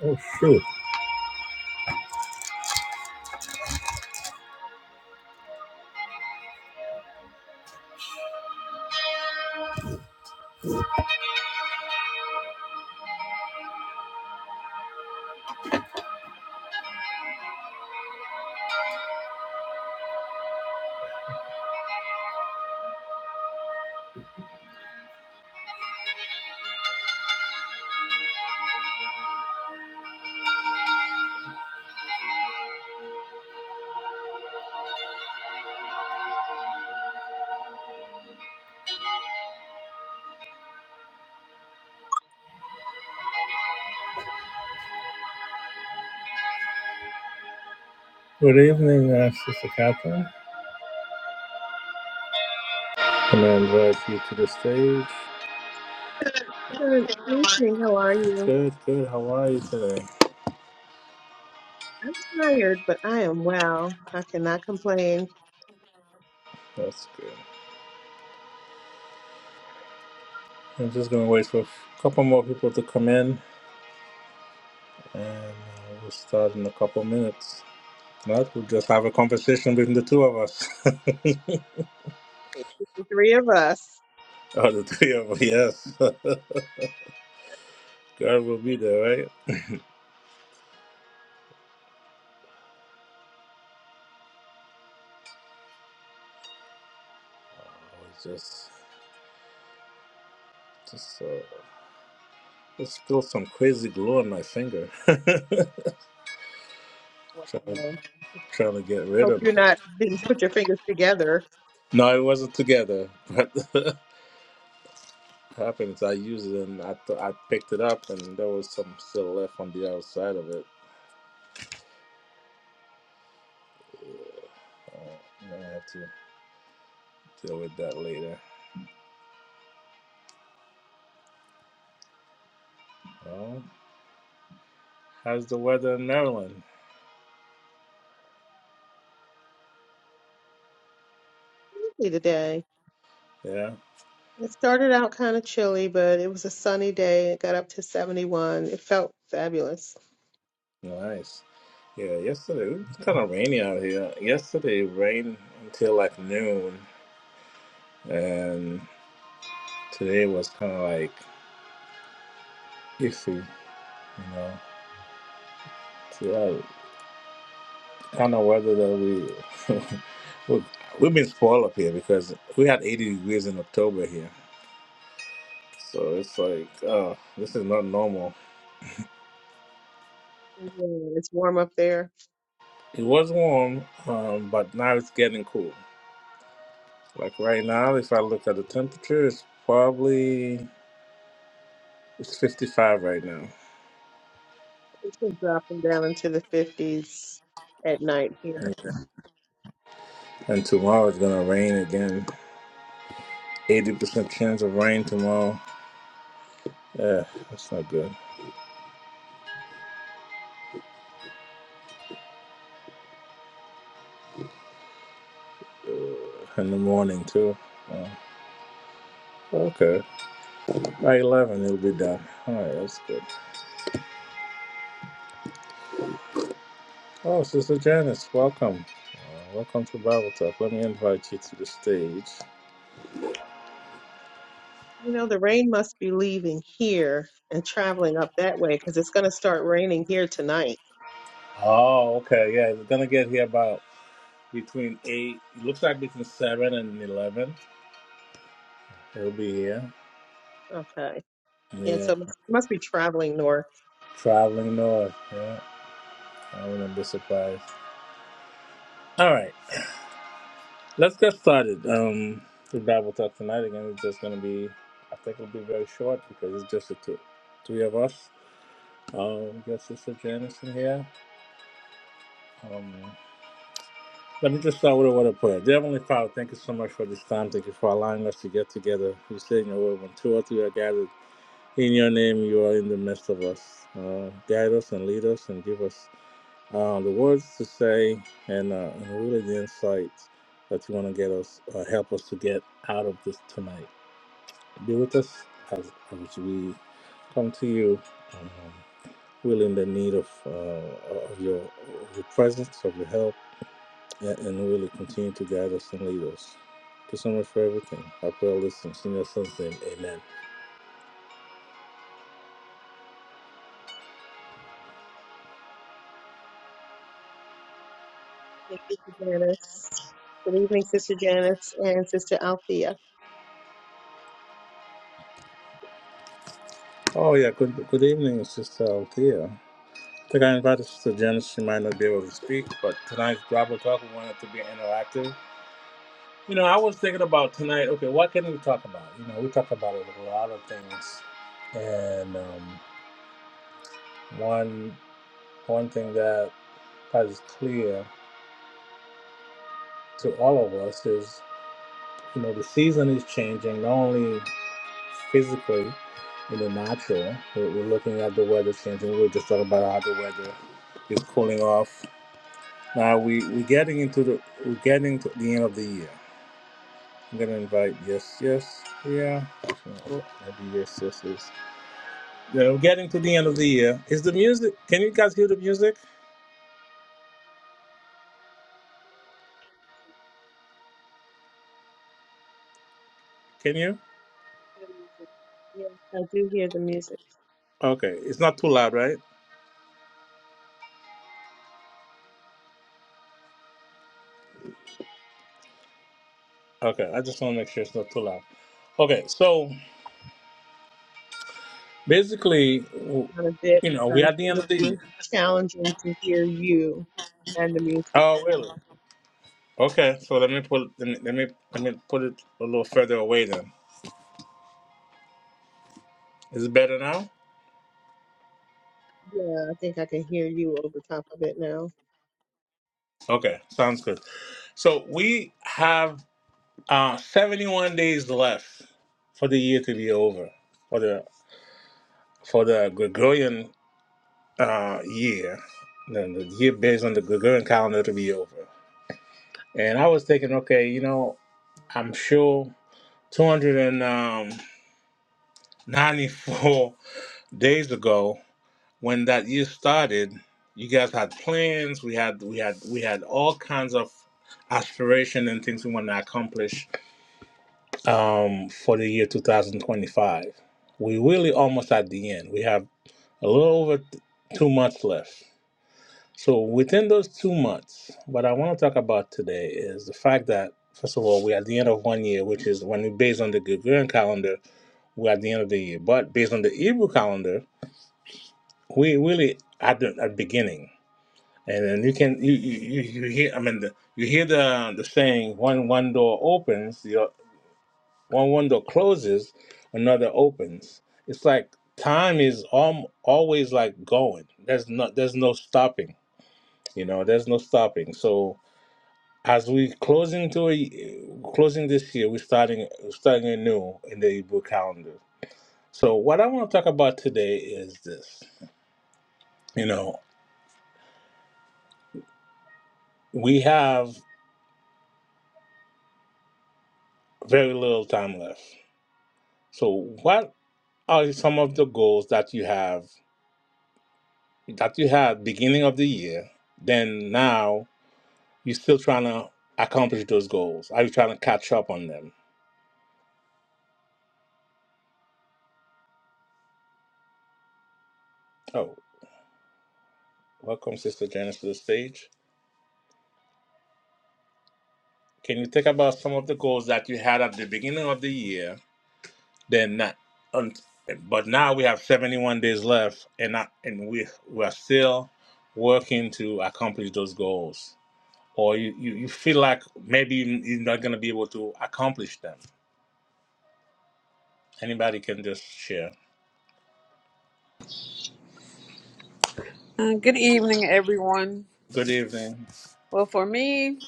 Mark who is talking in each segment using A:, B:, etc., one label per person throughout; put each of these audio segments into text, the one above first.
A: Oh, shoot. Good evening, uh, Sister Catherine. Can I invite you to the stage?
B: Good evening. How are you?
A: Good, good. How are you today?
B: I'm tired, but I am well. I cannot complain.
A: That's good. I'm just going to wait for a couple more people to come in, and uh, we'll start in a couple minutes. If Not, we'll just have a conversation between the two of us.
B: It's just the three of us.
A: Oh, the three of us, yes. God will be there, right? Oh, it's just, just, uh, there's still some crazy glue on my finger. trying,
B: Wow.
A: trying to get
B: I
A: rid
B: hope
A: of
B: you're
A: it.
B: not didn't put your fingers together.
A: No, it wasn't together. But what happened is I used it and I, th- I picked it up and there was some still left on the outside of it. Uh, I'm gonna have to deal with that later. Well, how's the weather in Maryland?
B: Chilly Today,
A: Yeah,
B: it started out kind of chilly, but it was a sunny day. It got up to 71. It felt fabulous.
A: nice. Yeah, yesterday it was kind of rainy out here. Yesterday it rained until like noon, and today was kind of like iffy, you know. So yeah, kind of weather that we, we we've been spoiled up here because we had 80 degrees in October here, so it's like uh, this is not normal.
B: Yeah, It's warm up there.
A: It was warm, um, but now it's getting cool. Like right now, if I look at the temperature, it's probably it's 55 right now.
B: It's been dropping down into the 50s at night here.
A: Okay. And tomorrow it's gonna rain again. 80% chance of rain tomorrow. Yeah, that's not good. Uh, In the morning too. Uh, okay, by 11 it'll be done. All right, that's good. Oh, Sister Janice, welcome. Uh, welcome to Bible Talk. Let me invite you to the stage.
B: You know, the rain must be leaving here and traveling up that way because it's going to start raining here tonight.
A: Oh, okay. Yeah, we're going to get here about between 8, it looks like between 7 and 11. He'll be here.
B: Okay. And
A: Yeah,
B: so must, must be traveling north.
A: traveling north. Yeah, I wouldn't be surprised. All right, let's get started. Um, The Bible Talk tonight, again, it's just going to be, I think it'll be very short because it's just the two, three of us. Um, we got Sister Janice in here. Um. Let me just start with a word of prayer. Dear Heavenly Father, thank you so much for this time. Thank you for allowing us to get together. You say in your word, when two or three are gathered in your name, you are in the midst of us. Uh, guide us and lead us and give us uh, the words to say and, uh, and really the insights that you want to get us, uh, help us to get out of this tonight. Be with us as, as we come to you, um, really in the need of, uh, of your, of your presence, of your help and, and really continue to guide us and lead us. Thank you so much for everything. I pray all this in your son's name. Amen.
B: Thank you, Sister Janice. Good evening, Sister Janice and Sister Althea.
A: Oh, yeah. Good, good evening, Sister Althea. I think I invited Sister Janice. She might not be able to speak, but tonight's Bible Talk, we wanted to be interactive. You know, I was thinking about tonight, okay, what can we talk about? You know, we talk about it with a lot of things. And um, one, one thing that is clear to all of us is, you know, the season is changing, not only physically in the natural. We're, we're looking at the weather changing. We were just talking about how the weather is cooling off. Now we we're getting into the we're getting to the end of the year. I'm gonna invite yes, yes, yeah. Oh, maybe yes, yes, yes. Yeah, we're getting to the end of the year. Is the music? Can you guys hear the music? Can you?
B: Yes, I do hear the music
A: Okay, it's not too loud, right? Okay, I just want to make sure it's not too loud. Okay, so
B: I'm gonna
A: basically, w-
B: turn down a bit
A: you know, we're
B: because
A: at the end
B: it'll
A: of the
B: be
A: year.
B: challenging to hear you and the music.
A: Oh, really? Okay, so let me put let me let me put it a little further away then. Is it better now?
B: Yeah, I think I can hear you over top of it now.
A: Okay, sounds good. So we have uh, 71 days left for the year to be over for the for the Gregorian uh, year, the, the year based on the Gregorian calendar to be over. And I was thinking, okay, you know, I'm sure 294 days ago when that year started, you guys had plans. We had we had we had all kinds of aspiration and things we want to accomplish um, for the year 2025. We really almost at the end. We have a little over t- two months left. So within those two months, what I want to talk about today is the fact that first of all, we're at the end of one year, which is when we based on the Gregorian calendar, we're at the end of the year. But based on the Hebrew calendar, we really at the at the beginning. And then you can you you, you you hear I mean the, you hear the the saying when one door opens, the o- when one door closes, another opens. It's like time is um, always like going. There's not there's no stopping. You know, there's no stopping. So as we closing to a y- closing this year, we're starting starting anew in the Hebrew calendar. So what I want to talk about today is this. You know, we have very little time left. So what are some of the goals that you have that you had beginning of the year then now you're still trying to accomplish those goals are you trying to catch up on them oh welcome sister janice to the stage can you think about some of the goals that you had at the beginning of the year then not un- but now we have 71 days left and I, and we we're still working to accomplish those goals or you, you, you feel like maybe you're not going to be able to accomplish them Anybody can just share.
C: Uh, Good evening, everyone.
A: Good evening.
C: Well, for me,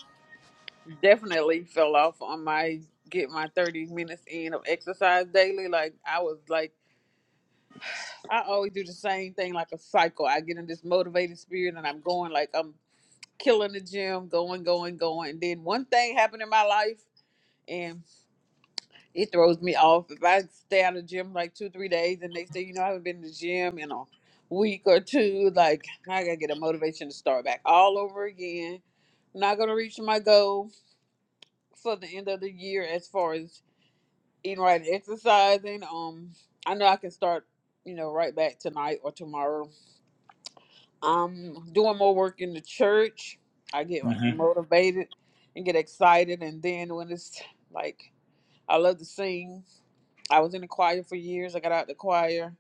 C: definitely fell off on my get my 30 minutes in of exercise daily. Like, I was like, I always do the same thing, like a cycle. I get in this motivated spirit and I'm going, like, I'm killing the gym, going, going, going. And then one thing happened in my life. It throws me off. If I stay out of the gym like two, three days, the next day, you know, I haven't been to the gym in a week or two. Like, I gotta get a motivation to start back all over again. I'm not gonna reach my goal for the end of the year as far as eating right and exercising. Um, I know I can start, you know, right back tonight or tomorrow. I'm doing more work in the church. I get
A: Mm-hmm.
C: motivated and get excited, and then when it's like I love to sing, I was in the choir for years. I got out the choir,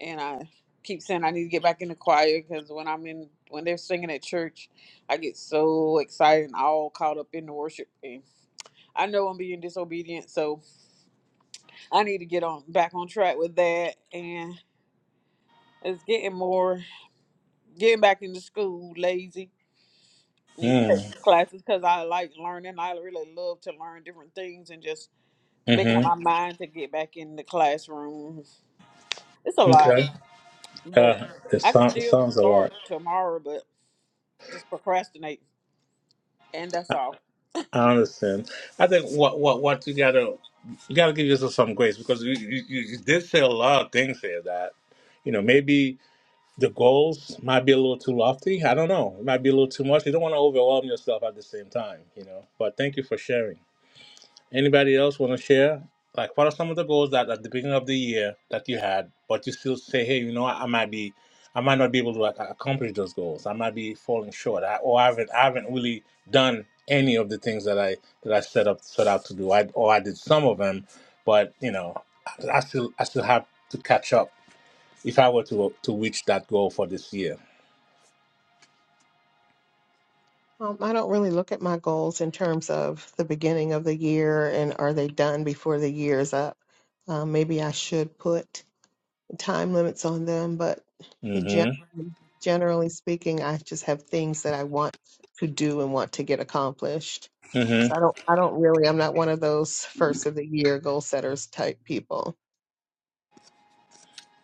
C: and I keep saying I need to get back in the choir because when I'm in, when they're singing at church, I get so excited and all caught up in the worship. And I know I'm being disobedient, so I need to get on back on track with that. And it's getting more getting back into school. Lazy need to take
A: Mm.
C: some classes because I like learning. I really love to learn different things and just making up my
A: Mm-hmm.
C: mind to get back in the classroom. It's a lot.
A: Okay.
C: But
A: Uh, it,
C: I could
A: sound, it
C: still
A: sounds a lot.
C: start tomorrow, but just procrastinate, and that's
A: I,
C: all.
A: I understand. I think what what what you gotta you gotta give yourself some grace because you, you, you you did say a lot of things here that you know maybe the goals might be a little too lofty. I don't know. It might be a little too much. You don't want to overwhelm yourself at the same time. You know. But thank you for sharing. Anybody else want to share? Like, what are some of the goals that at the beginning of the year that you had, but you still say, hey, you know, what, I might be, I might not be able to like, accomplish those goals. I might be falling short, I, or I haven't, I haven't really done any of the things that I that I set up set out to do. I or I did some of them, but you know, I, I still I still have to catch up if I were to to reach that goal for this year.
B: Um, I don't really look at my goals in terms of the beginning of the year and are they done before the year is up. Um, maybe I should put. time limits on them, but gen-
A: Mm-hmm.
B: generally speaking, I just have things that I want to do and want to get accomplished. So
A: Mm-hmm.
B: I don't, I don't really, I'm not one of those first of the year goal setters type people.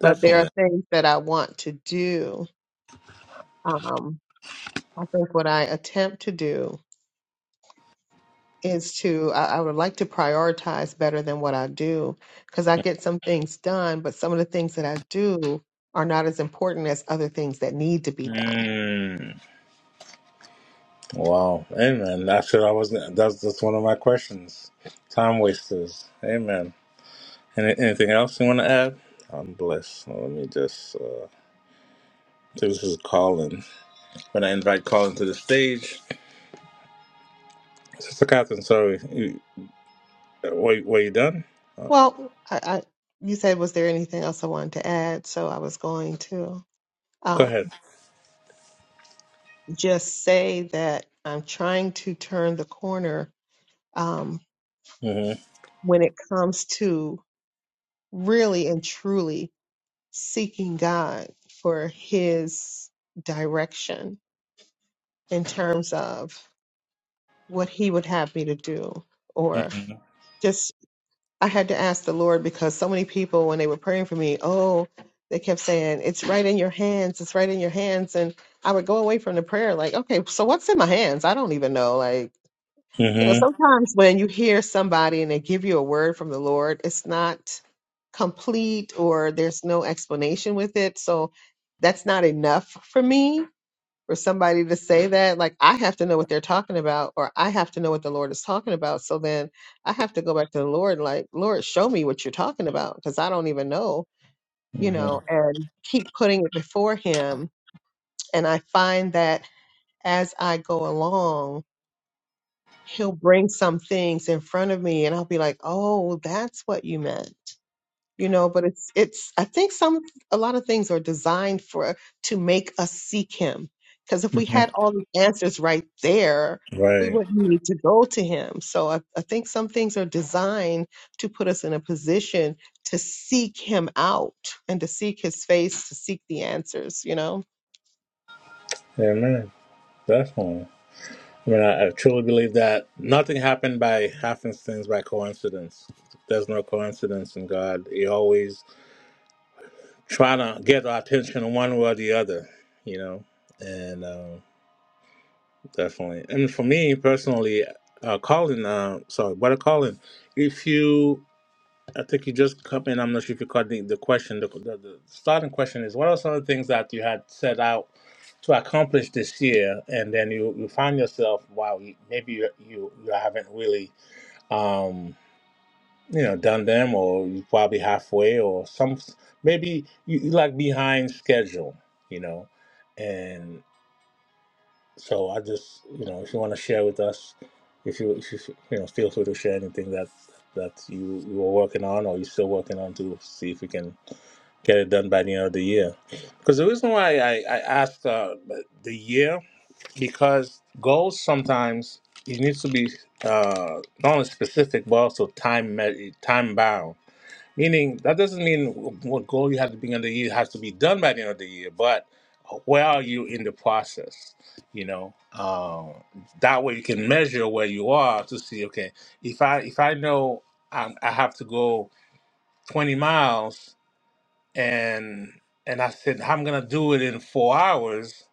B: But there are
A: Definitely.
B: things that I want to do. Um, I think what I attempt to do is to I, I would like to prioritize better than what I do because I get some things done, but some of the things that I do are not as important as other things that need to be done.
A: Mm. Wow. Amen. That's what I was. That's that's one of my questions. Time wasters. Amen. Any, anything else you want to add? I'm blessed. Well, let me just. Uh, so this is Colin. When I invite Colin to the stage, Sister Catherine. Sorry. You, uh, were, were you done? Uh,
B: Well, I, I you said was there anything else I wanted to add? So I was going to.
A: go
B: um,
A: ahead.
B: just say that I'm trying to turn the corner um,
A: Mhm.
B: when it comes to really and truly seeking God for His direction in terms of what He would have me to do. Or
A: Mhm.
B: just, I had to ask the Lord because so many people, when they were praying for me, oh, they kept saying, it's right in your hands, it's right in your hands. And I would go away from the prayer like, okay, so what's in my hands? I don't even know. Like, you know,
A: Mhm.
B: sometimes when you hear somebody and they give you a word from the Lord, it's not complete or there's no explanation with it. So that's not enough for me for somebody to say that. Like, I have to know what they're talking about, or I have to know what the Lord is talking about. So then I have to go back to the Lord, like, Lord, show me what you're talking about because I don't even know, you know,
A: Mhm.
B: and keep putting it before Him. And I find that as I go along, he'll bring some things in front of me and I'll be like, "Oh, well, that's what you meant." You know, but it's it's I think some a lot of things are designed for to make us seek him. Cuz if we
A: Mhm.
B: had all the answers right there, we
A: Right.
B: wouldn't need to go to him. So I, I think some things are designed to put us in a position to seek him out and to seek his face, to seek the answers, you know?
A: Amen. Definitely. I mean, I, I truly believe that nothing happened by happenstance, by coincidence. There's no coincidence in God. He always trying to get our attention one way or the other, you know. And um, definitely, and for me personally, uh, Colin, uh, sorry, brother Colin, if you, I think you just come in. I'm not sure if you caught the, the question. The, the, the starting question is, what are some of the things that you had set out to accomplish this year, and then you, you find yourself, wow, you- maybe you, you you haven't really um, you know, done them, or you probably halfway, or some maybe you you like behind schedule, you know, and so I just you know, if you want to share with us, if you if you you know, feel free to share anything that that you you were working on or you're still working on to see if we can get it done by the end of the year. Because the reason why I I asked uh, the year because goals sometimes it needs to be uh, not only specific but also time me- time bound. Meaning that doesn't mean what goal you have to be in the year has to be done by the end of the year, but where are you in the process? You know, um, that way you can measure where you are to see. Okay, if I if I know i I have to go twenty miles and and I said I'm gonna do it in four hours,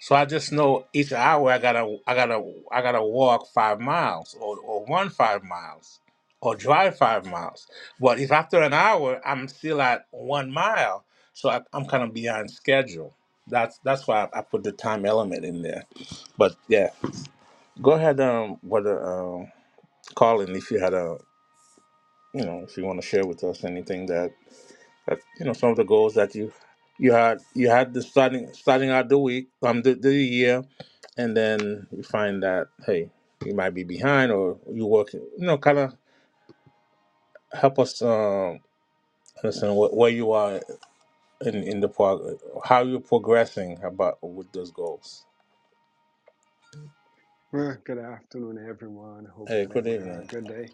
A: so I just know each hour I gotta I gotta I gotta walk five miles or, or run five miles or drive five miles. But if after an hour I'm still at one mile, so I, I'm kind of beyond schedule. That's that's why I, I put the time element in there. But yeah, go ahead, um, what, um, Colin, if you had a you know if you want to share with us anything that that's you know some of the goals that you you had you had the starting starting out the week um the, the year, and then you find that hey you might be behind or you work you know kind of help us um understand wh- where you are in in the prog- how you're progressing about with those goals.
D: Well, good afternoon, everyone. Hope
A: Hey,
D: that
A: good
D: everyone had a
A: evening.
D: good day.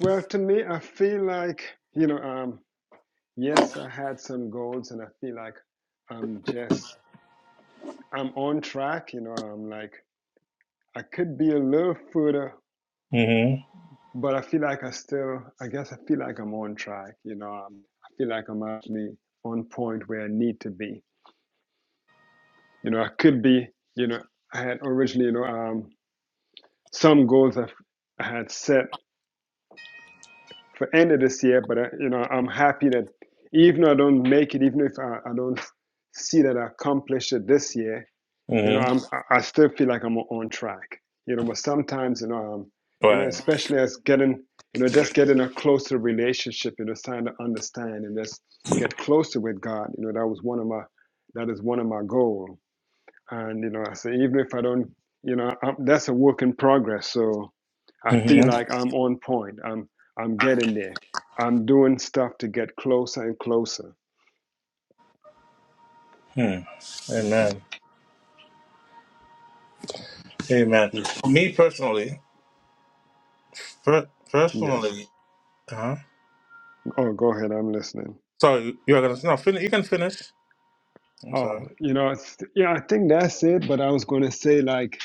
D: Well, to me, I feel like, you know, um, yes, I had some goals and I feel like I'm just, I'm on track. You know, I'm like, I could be a little further,
A: Mm-hmm.
D: but I feel like I still, I guess I feel like I'm on track. You know, um, I feel like I'm actually on point where I need to be. You know, I could be, you know, I had originally, you know, um, some goals I, I had set for end of this year. But uh, you know, I'm happy that even though I don't make it, even if I, I don't see that I accomplish it this year, you know,
A: Mm-hmm.
D: I'm I still feel like I'm on track. You know, but sometimes you know, um, you know,
A: Right.
D: especially as getting you know just getting a closer relationship, you know, trying to understand and just get closer with God. You know, that was one of my that is one of my goal. And, you know, I say, even if I don't, you know, I, that's a work in progress. So I feel
A: Mm-hmm.
D: like I'm on point. I'm, I'm getting there. I'm doing stuff to get closer and closer.
A: Hmm. Amen. Amen.
D: Ye-
A: Me personally, per-
D: Yes.
A: personally, uh-huh.
D: Oh, go ahead. I'm listening.
A: sorry, you're gonna no, fin- you can finish. I'm
D: Oh,
A: sorry.
D: you know, it's, yeah, I think that's it. But I was going to say, like,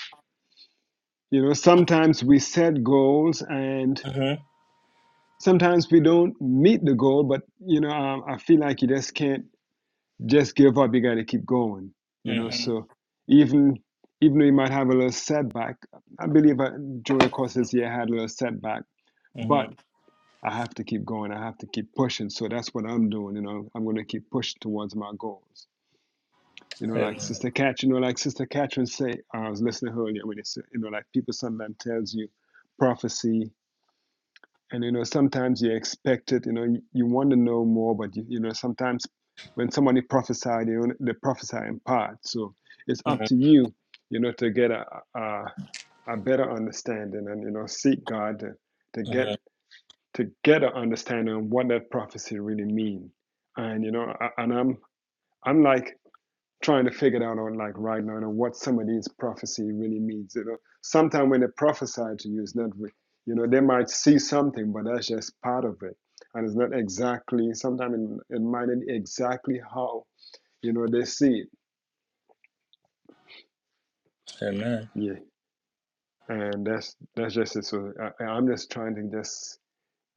D: you know, sometimes we set goals and
A: Mm-hmm.
D: sometimes we don't meet the goal. But, you know, um, I feel like you just can't just give up. You got to keep going. You know,
A: Mm-hmm.
D: so even even though you might have a little setback, I believe I, during the course of this year I had a little setback, but
A: Mm-hmm.
D: I have to keep going. I have to keep pushing. So that's what I'm doing. You know, I'm going to keep pushing towards my goals. You know,
A: Amen.
D: like Sister Cat, you know, like Sister Catherine say, I was listening to her earlier when they said, you know, like people sometimes tells you prophecy and you know sometimes you expect it you know you, you want to know more but you, you know sometimes when somebody prophesied you know, they prophesy in part so it's up to
A: Mm-hmm.
D: you you know to get a, a a better understanding and you know seek god to, to get
A: Mm-hmm.
D: to get an understanding of what that prophecy really means. and you know I, and i'm i'm like trying to figure it out on like right now you know, what some of these prophecy really means. You know, sometimes when they prophesy to you, it's not you know they might see something, but that's just part of it, and it's not exactly. Sometimes it, it might not be exactly how you know they see it.
A: Amen.
D: Yeah, and that's that's just it. So I, I'm just trying to just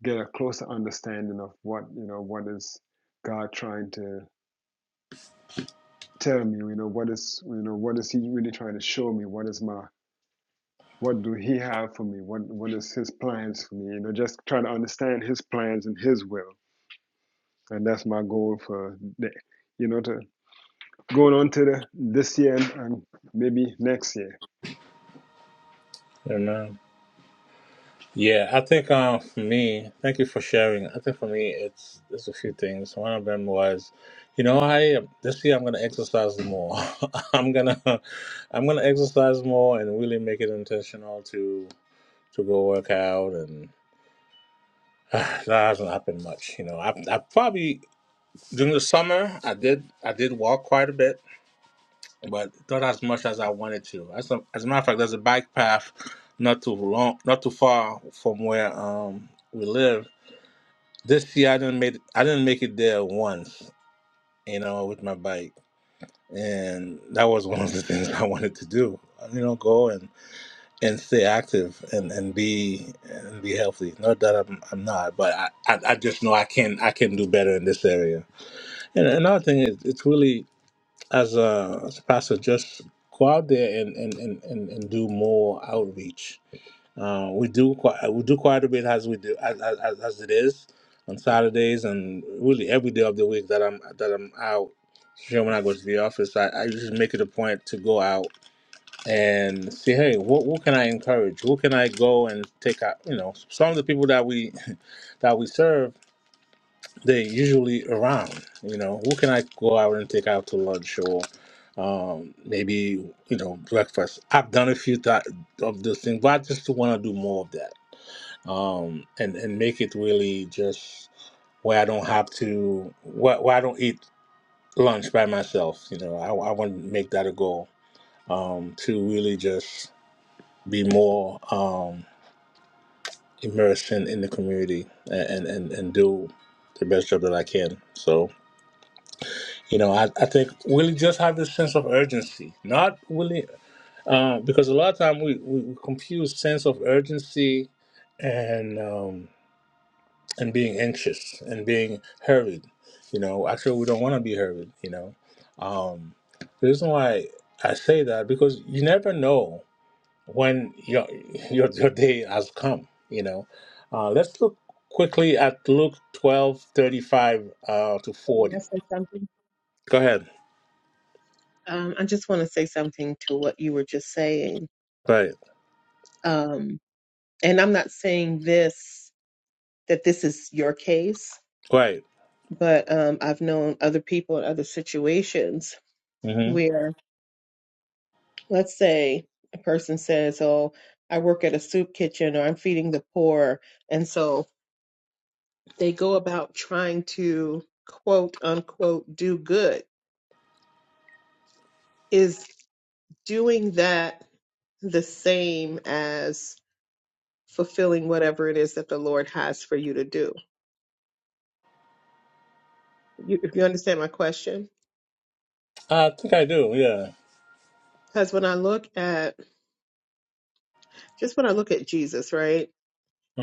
D: get a closer understanding of what you know what is God trying to tell me. You know what is you know what is He really trying to show me? What is my what do he have for me what what is his plans for me you know just try to understand his plans and his will and that's my goal for the you know to going on to the this year and, and maybe next year
A: Amen. Yeah, I think um for me, thank you for sharing. I think for me it's there's a few things. One of them was, you know, I this year I'm gonna exercise more. I'm gonna I'm gonna exercise more and really make it intentional to to go work out and that hasn't happened much, you know. I I probably during the summer I did I did walk quite a bit but not as much as I wanted to. As a, as a matter of fact, there's a bike path not too long, not too far from where um we live. This year I didn't make I didn't make it there once, you know, with my bike, and that was one of the things I wanted to do. You know, go and and stay active and and be and be healthy. Not that I'm I'm not, but I I, I just know I can I can do better in this area. And another thing is, it's really as a, as a pastor, just go out there and, and, and, and, and do more outreach. Uh, we do quite we do quite a bit as we do as, as, as it is on Saturdays and really every day of the week that I'm that I'm out. Sure, when I go to the office, I, I just make it a point to go out and see, hey, what, what can I encourage? Who can I go and take out? You know, some of the people that we that we serve they're usually around. You know, who can I go out and take out to lunch or um, maybe you know breakfast? I've done a few th- of those things, but I just want to do more of that um, and and make it really just where I don't have to where, where I don't eat lunch by myself. You know, I, I want to make that a goal um, to really just be more um, immersed in, in the community and, and and and do the best job that I can. So. You know, I, I think Willie just had this sense of urgency. Not Willie, uh, because a lot of time we, we, we confuse sense of urgency and um, and being anxious and being hurried. You know, actually, we don't want to be hurried. You know, um, the reason why I say that because you never know when your your, your day has come. You know, uh, let's look quickly at Luke twelve thirty five uh, to
B: Can I
A: forty.
B: say something?
A: Go ahead.
B: Um, I just want to say something to what you were just saying.
A: Right.
B: Um, and I'm not saying this, that this is your case,
A: Right.
B: but um, I've known other people in other situations
A: hmm
B: where, let's say, a person says, Oh, I work at a soup kitchen or I'm feeding the poor. and so. they go about trying to quote unquote do good. Is doing that the same as fulfilling whatever it is that the Lord has for you to do? You, if you understand my question,
A: I think I do. Yeah.
B: because when I look at just when I look at Jesus, right,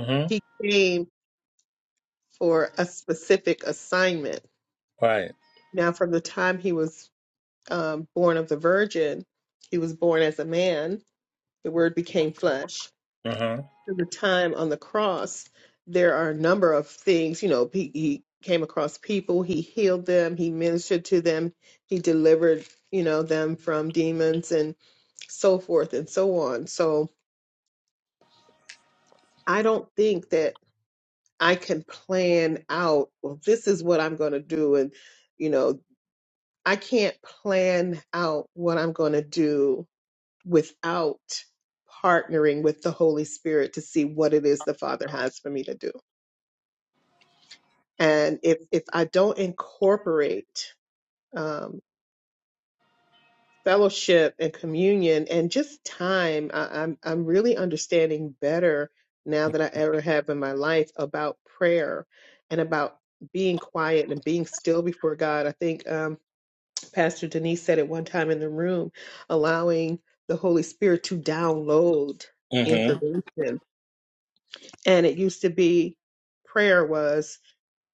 A: hmm
B: he came for a specific assignment.
A: Right.
B: Now, from the time he was um, born of the Virgin, he was born as a man. The Word became flesh
A: hmm
B: to the time on the cross, there are a number of things. You know, he, he came across people, he healed them, he ministered to them, he delivered, you know, them from demons and so forth and so on. So I don't think that I can plan out, well, this is what I'm going to do. And, you know, I can't plan out what I'm going to do without partnering with the Holy Spirit to see what it is the Father has for me to do. and if if I don't incorporate um, fellowship and communion and just time, I, I'm I'm really understanding better now that I ever have in my life about prayer and about being quiet and being still before God. I think um, Pastor Denise said it one time in the room, allowing the Holy Spirit to download
A: hmm
B: information, and it used to be prayer was.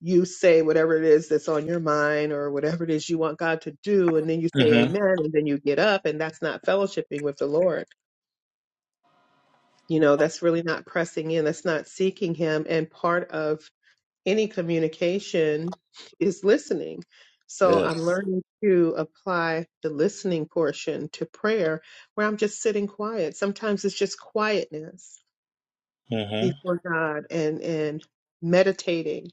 B: you say whatever it is that's on your mind or whatever it is you want God to do, and then you say
A: hmm
B: amen, and then you get up, and that's not fellowshipping with the Lord. You know, that's really not pressing in, that's not seeking Him. And part of any communication is listening. So I'm
A: Yes.
B: learning to apply the listening portion to prayer where I'm just sitting quiet. Sometimes it's just quietness
A: hmm
B: before God and and meditating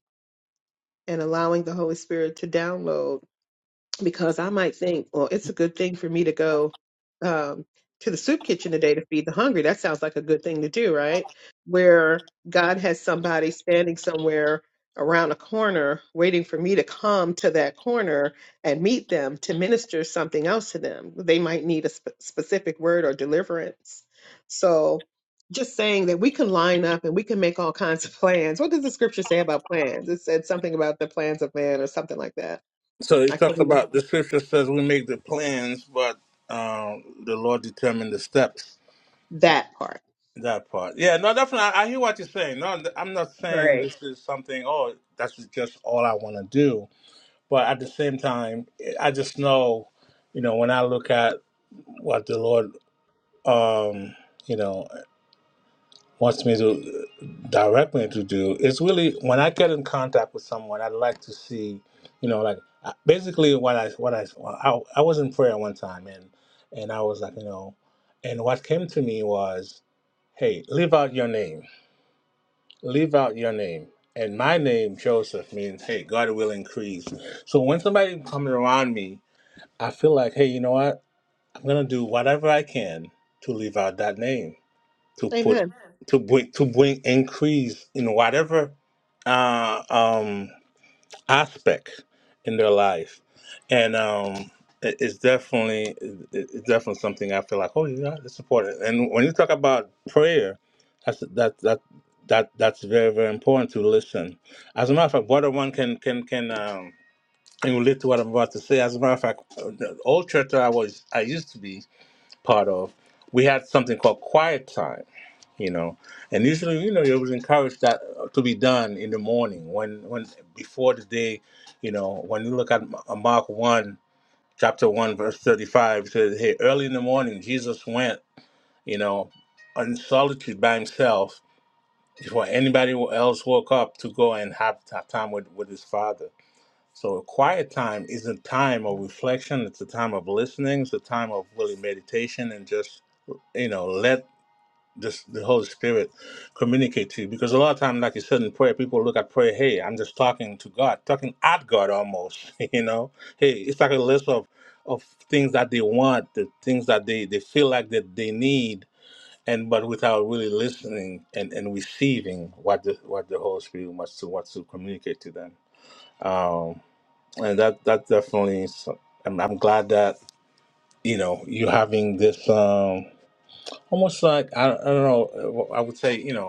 B: and allowing the Holy Spirit to download because I might think, well, it's a good thing for me to go um, to the soup kitchen today to feed the hungry. That sounds like a good thing to do, right? Where God has somebody standing somewhere around a corner waiting for me to come to that corner and meet them to minister something else to them. They might need a sp- specific word or deliverance. So, just saying that we can line up and we can make all kinds of plans. What does the scripture say about plans? It said something about the plans of man or something like that.
A: So
B: I
A: it
B: can't.
A: talks
B: remember.
A: about the scripture says we make the plans, but um, the Lord determined the steps.
B: That part.
A: That part. Yeah. No, definitely. I, I hear what you're saying. No, I'm not saying
B: Right.
A: this is something. Oh, that's just all I want to do. But at the same time, I just know, you know, when I look at what the Lord, um, you know. wants me to direct me to do is really when I get in contact with someone, I'd like to see, you know, like I- basically when I when I I, I was in prayer one time and and I was like, you know, and what came to me was, hey, leave out your name, leave out your name. And my name, Joseph, means, hey, God will increase. So when somebody comes around me, I feel like, hey, you know what? I'm going to do whatever I can to leave out that name to put
B: Amen.
A: to bring to bring increase in whatever uh, um, aspect in their life, and um, it- it's definitely it- it's definitely something I feel like oh yeah it's important. And when you talk about prayer, that's that that that that's very very important to listen. As a matter of fact, brother one can can can. Um, can relate to what I'm about to say. As a matter of fact, the old church that I was, I used to be part of, we had something called quiet time you know and usually you know it was encouraged that uh, to be done in the morning when when before the day you know when you look at M- uh, mark 1 chapter 1 verse 35 it says hey early in the morning jesus went you know in solitude by himself before anybody else woke up to go and have, have time with, with his father so a quiet time is a time of reflection it's a time of listening it's a time of really meditation and just you know let this the Holy Spirit communicate to you. Because a lot of time, like you said in prayer, people look at prayer, hey, I'm just talking to God, talking at God almost, you know. Hey, it's like a list of of things that they want, the things that they, they feel like that they need and but without really listening and, and receiving what the what the Holy Spirit wants to wants to communicate to them. Um and that that definitely is, I'm, I'm glad that you know you having this um almost like I, I don't know I would say you know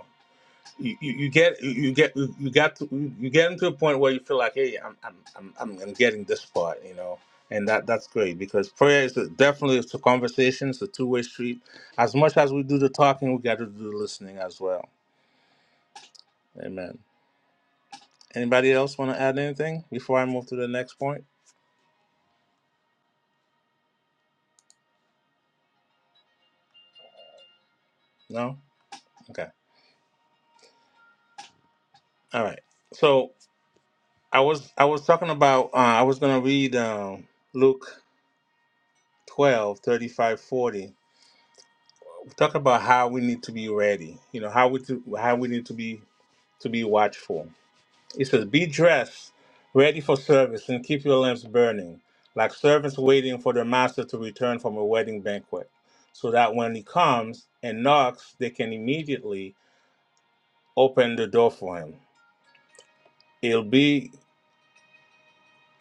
A: you, you you get you get you got to, you get into a point where you feel like hey I'm, I'm I'm I'm I'm getting this part you know and that that's great because prayer is a, definitely it's a conversation it's a two-way street as much as we do the talking we got to do the listening as well amen anybody else want to add anything before I move to the next point no okay all right so I was I was talking about uh, I was gonna read um, Luke 12 35 40. talk about how we need to be ready. You know how we to, how we need to be to be watchful. It says, "Be dressed, ready for service, and keep your lamps burning, like servants waiting for their master to return from a wedding banquet, so that when he comes and knocks, they can immediately open the door for him. It'll be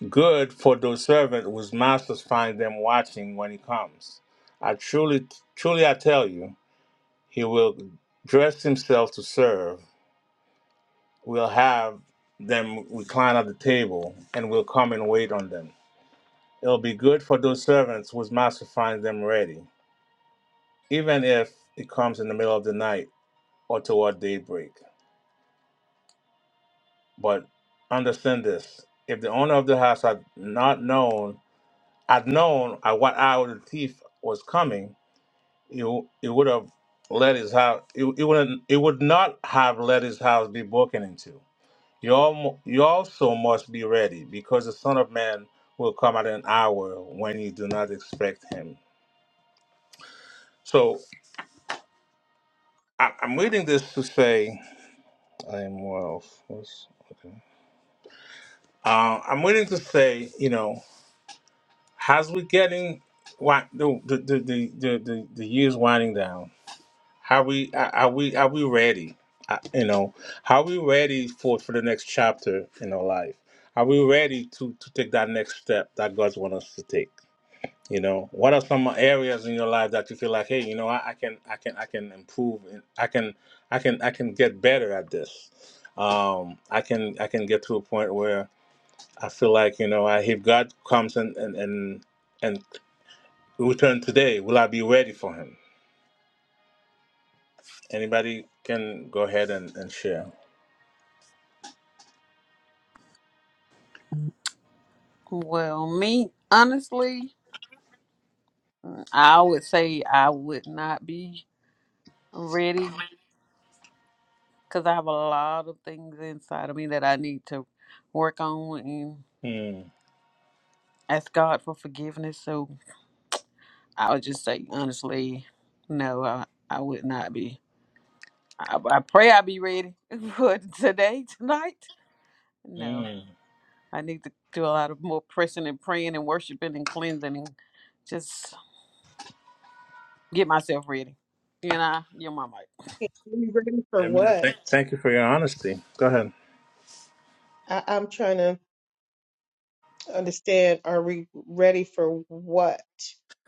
A: good for those servants whose masters find them watching when he comes. I truly, truly, I tell you, he will dress himself to serve." We'll have them recline at the table, and we'll come and wait on them. It'll be good for those servants whose master finds them ready, even if it comes in the middle of the night or toward daybreak. But understand this: if the owner of the house had not known, had known at what hour the thief was coming, he, w- he would have let his house. He, he wouldn't. He would not have let his house be broken into. You, al- you also must be ready, because the Son of Man will come at an hour when you do not expect him. So I- I'm reading this to say, I am well. What's, okay. uh, I'm reading to say, you know, as we getting wi- the the the the, the, the, the years winding down, how we are are we are we ready? Uh, you know, how we ready for for the next chapter in our life? Are we ready to to take that next step that God wants us to take? You know, what are some areas in your life that you feel like, hey, you know, I, I can, I can, I can improve, and I can, I can, I can get better at this. Um, I can, I can get to a point where I feel like, you know, I, if God comes and and and and return today, will I be ready for Him? Anybody can go ahead and and share.
C: Well, me, honestly, I would say I would not be ready because I have a lot of things inside of me that I need to work on and
A: Mm,
C: ask God for forgiveness. So I would just say, honestly, no, I, I would not be. I, I pray I be ready for today, tonight. No.
A: mm.
C: I need to do a lot of more pressing and praying and worshiping and cleansing and just get myself ready. And I, you're my mic.
B: Are we ready for
A: Amen.
B: what?
A: Thank, thank you for your honesty. Go ahead.
B: I, I'm trying to understand. Are we ready for what?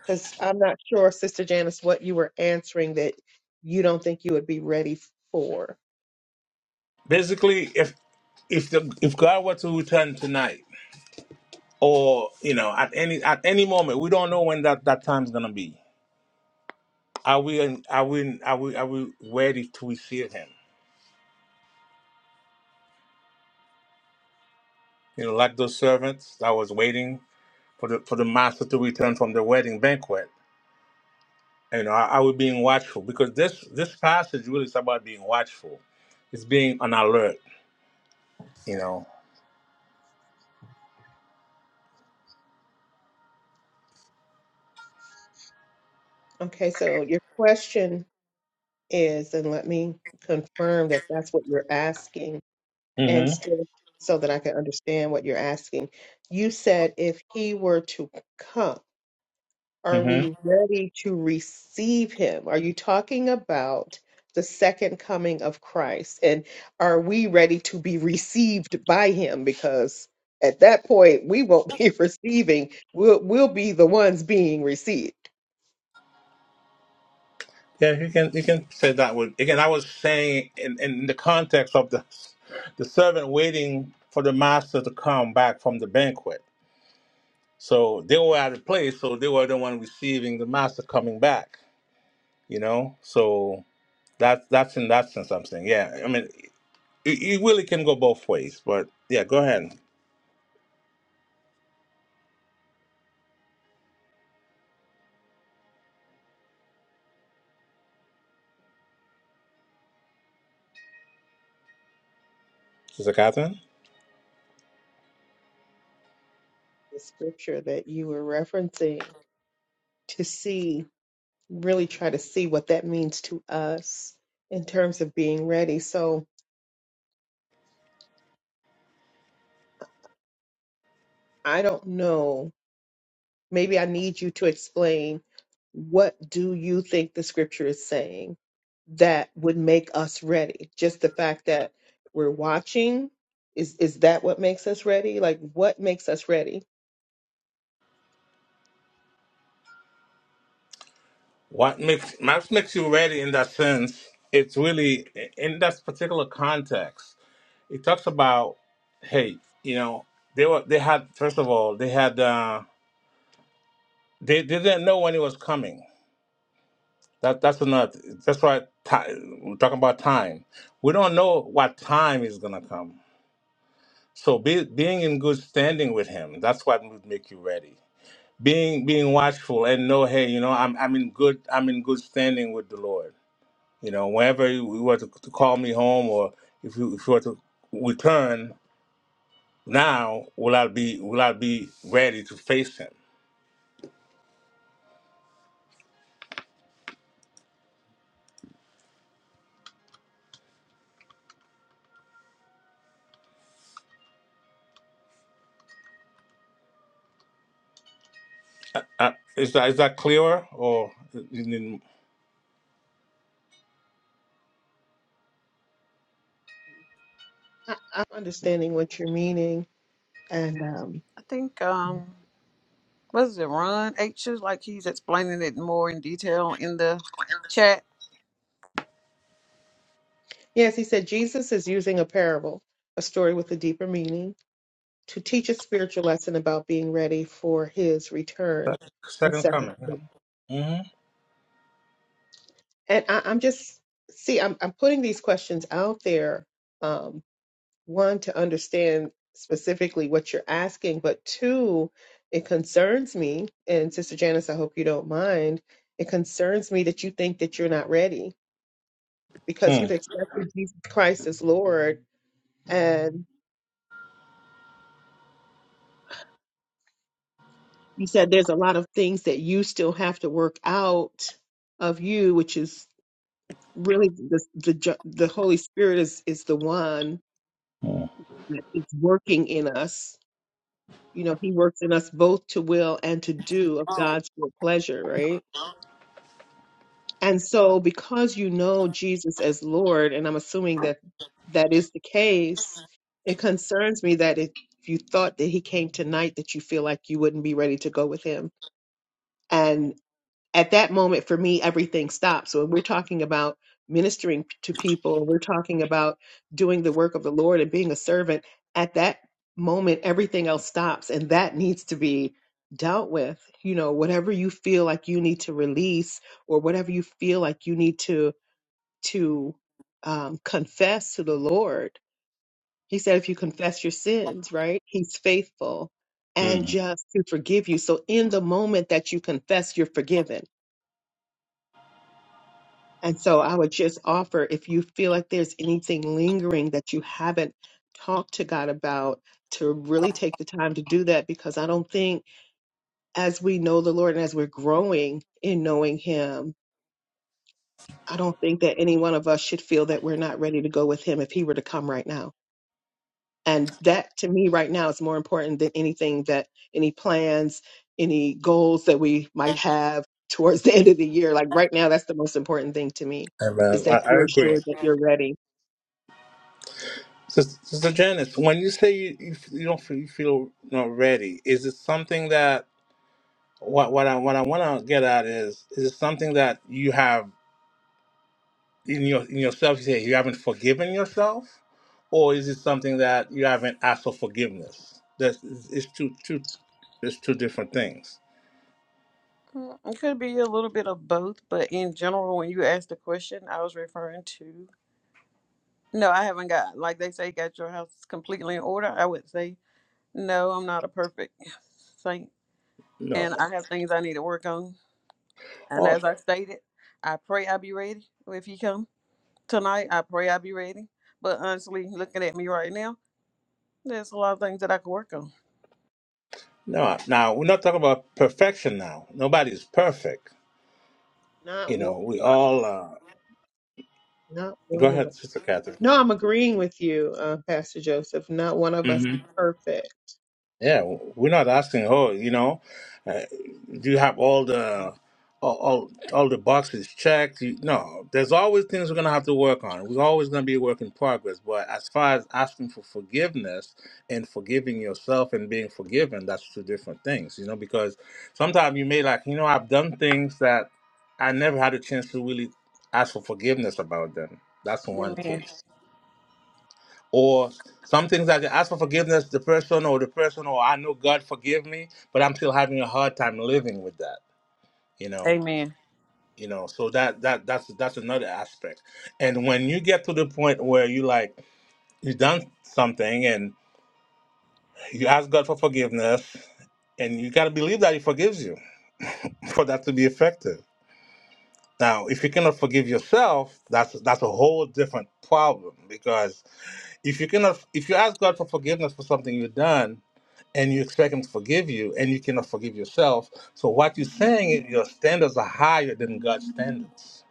B: Because I'm not sure, Sister Janice, what you were answering that you don't think you would be ready for.
A: Basically, if if the, if God were to return tonight. or you know at any at any moment we don't know when that that time's gonna be are we in, are we in, are we are we ready to receive him you know like those servants that was waiting for the for the master to return from the wedding banquet you know are, are we being watchful because this this passage really is about being watchful it's being on alert you know
B: Okay, so your question is, and let me confirm that that's what you're asking, and
A: hmm
B: still so that I can understand what you're asking. You said if he were to come. Are
A: hmm
B: we ready to receive him? Are you talking about the second coming of Christ? And are we ready to be received by him? Because at that point, we won't be receiving, we'll, we'll be the ones being received.
A: yeah you can you can say that with again i was saying in in the context of the the servant waiting for the master to come back from the banquet So they were out of place, so they were the one receiving the master coming back, you know? So that, that's in that sense I'm saying. Yeah, I mean, it, it really can go both ways, but yeah, go ahead, Sister Catherine.
B: The scripture that you were referencing to see really try to see what that means to us in terms of being ready. So I don't know. Maybe I need you to explain what do you think the scripture is saying that would make us ready? Just the fact that we're watching is is that what makes us ready? Like what makes us ready?
A: What makes, maps makes you ready in that sense, it's really in that particular context. It talks about, hey, you know, they were, they had, first of all, they had, uh, they, they didn't know when it was coming That that's another. That's why ti we're talking about time. We don't know what time is gonna come. So be, being in good standing with Him, that's what would make you ready. Being being watchful and know, hey, you know, I'm I'm in good I'm in good standing with the Lord. You know, whenever you, you were to, to call me home, or if you if you were to return now, will I be will I be ready to face Him? Uh, is that is that clearer or in, in
B: I, I'm understanding what you're meaning. And um,
C: I think, um, what is it, Ron H? is Like he's explaining it more in detail in the chat.
B: yes, he said Jesus is using a parable, a story with a deeper meaning to teach a spiritual lesson about being ready for his return. The
A: second
B: second
A: comment? Yeah.
B: coming.
A: Mm-hmm.
B: And I, I'm just, see, I'm, I'm putting these questions out there, um, one, to understand specifically what you're asking, but two, it concerns me, and Sister Janice, I hope you don't mind, it concerns me that you think that you're not ready because
A: hmm
B: you've accepted Jesus Christ as Lord and you said there's a lot of things that you still have to work out of you, which is really the the ju- the Holy Spirit is is the one
A: Hmm.
B: that is working in us. You know, He works in us both to will and to do of God's good pleasure, right? And so, because you know Jesus as Lord, and I'm assuming that that is the case, it concerns me that if you thought that He came tonight, that you feel like you wouldn't be ready to go with Him. at that moment for me everything stops so when we're talking about ministering to people we're talking about doing the work of the lord and being a servant at that moment everything else stops and that needs to be dealt with you know whatever you feel like you need to release or whatever you feel like you need to to um, confess to the lord he said if you confess your sins right he's faithful and
A: hmm
B: just to forgive you so in the moment that you confess you're forgiven And so I would just offer if you feel like there's anything lingering that you haven't talked to God about, to really take the time to do that because I don't think as we know the Lord and as we're growing in knowing Him, I don't think that any one of us should feel that we're not ready to go with Him if He were to come right now. And that to me right now is more important than anything that any plans, any goals that we might have towards the end of the year. Like right now, that's the most important thing to me is
A: Amen. I,
B: that
A: I
B: you're
A: agree.
B: sure that you're ready
A: Sister, Sister Janice, when you say you, you, f- you don't feel, you feel not ready, is it something that what what I what I want to get at is is it something that you have in your in yourself? You say you haven't forgiven yourself, or is it something that you haven't asked for forgiveness? That's it's two two it's two different things.
C: Mm, It could be a little bit of both, but in general, when you asked the question, I was referring to no, I haven't got, like they say, got your house completely in order. I would say, no, I'm not a perfect saint.
A: No,
C: And I have things I need to work on And
A: or
C: as I stated, I pray I be ready. If you come tonight, I pray I be ready. But honestly, looking at me right now, there's a lot of things that I could work on.
A: no. Now we're not talking about perfection. Now nobody's perfect. You
B: Not one
A: know, we
B: of
A: all.
B: us.
A: Uh,
B: Not
A: go
B: one of us.
A: ahead, Sister Catherine.
B: No, I'm agreeing with you, uh, Pastor Joseph. Not one of us is perfect.
A: Yeah, we're not asking. Oh, you know, uh, do you have all the all all, all the boxes checked? You, no, there's always things we're gonna have to work on. We're always gonna be a work in progress. But as far as asking for forgiveness and forgiving yourself and being forgiven, that's two different things. You know, because sometimes you may like, you know, I've done things that I never had a chance to really ask for forgiveness about them. That's one
C: Amen.
A: case or some things I can ask for forgiveness the person or the person or I know God forgive me, but I'm still having a hard time living with that. You know,
C: Amen.
A: you know. So that that that's that's another aspect. And when you get to the point where you like you done something and you ask God for forgiveness, and you gotta believe that He forgives you for that to be effective. Now, if you cannot forgive yourself, that's that's a whole different problem because if you cannot if you ask God for forgiveness for something you've done and you expect him to forgive you and you cannot forgive yourself so what you're saying is your standards are higher than god's standards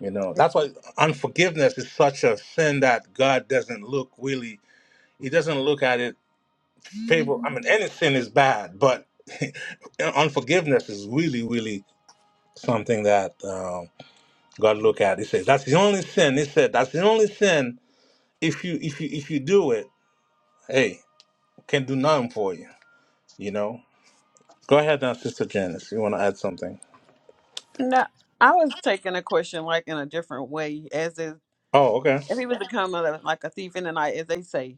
A: you know that's why unforgiveness is such a sin that god doesn't look really he doesn't look at it favor i mean any sin is bad but unforgiveness is really really something that um, god look at he says that's the only sin he said that's the only sin if you if you if you do it hey can do nothing for you you know go ahead now sister janice you want to add something
C: No, I was taking a question like in a different way. As is,
A: Oh, okay.
C: if he was to come a- like a thief in the night, as they say,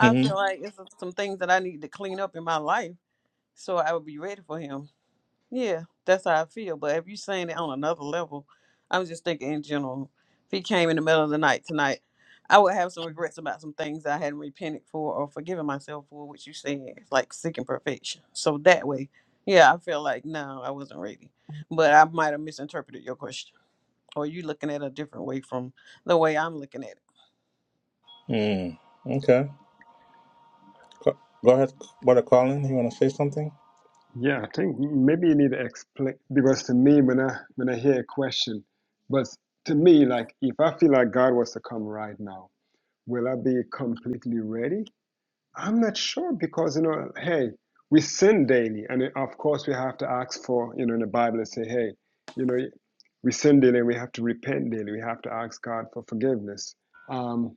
C: I feel
A: Mm-hmm.
C: like it's some things that I need to clean up in my life so I would be ready for him. Yeah, that's how I feel. But if you're saying it on another level, I'm just thinking in general. If he came in the middle of the night tonight, I would have some regrets about some things I hadn't repented for or forgiven myself for, which you said, it's like seeking perfection. So that way, yeah, I feel like no, I wasn't ready. But I might have misinterpreted your question, or you looking at it a different way from the way I'm looking at it.
A: Mm. Okay. Co- Go ahead, brother Colin. You want to say something?
D: yeah i think maybe you need to explain because to me when i when i hear a question but to me like if i feel like god was to come right now will i be completely ready I'm not sure because you know, hey, we sin daily, and uh, of course we have to ask for you know in the Bible and say, hey, you know, we sin daily, and we have to repent daily. We have to ask God for forgiveness. Um,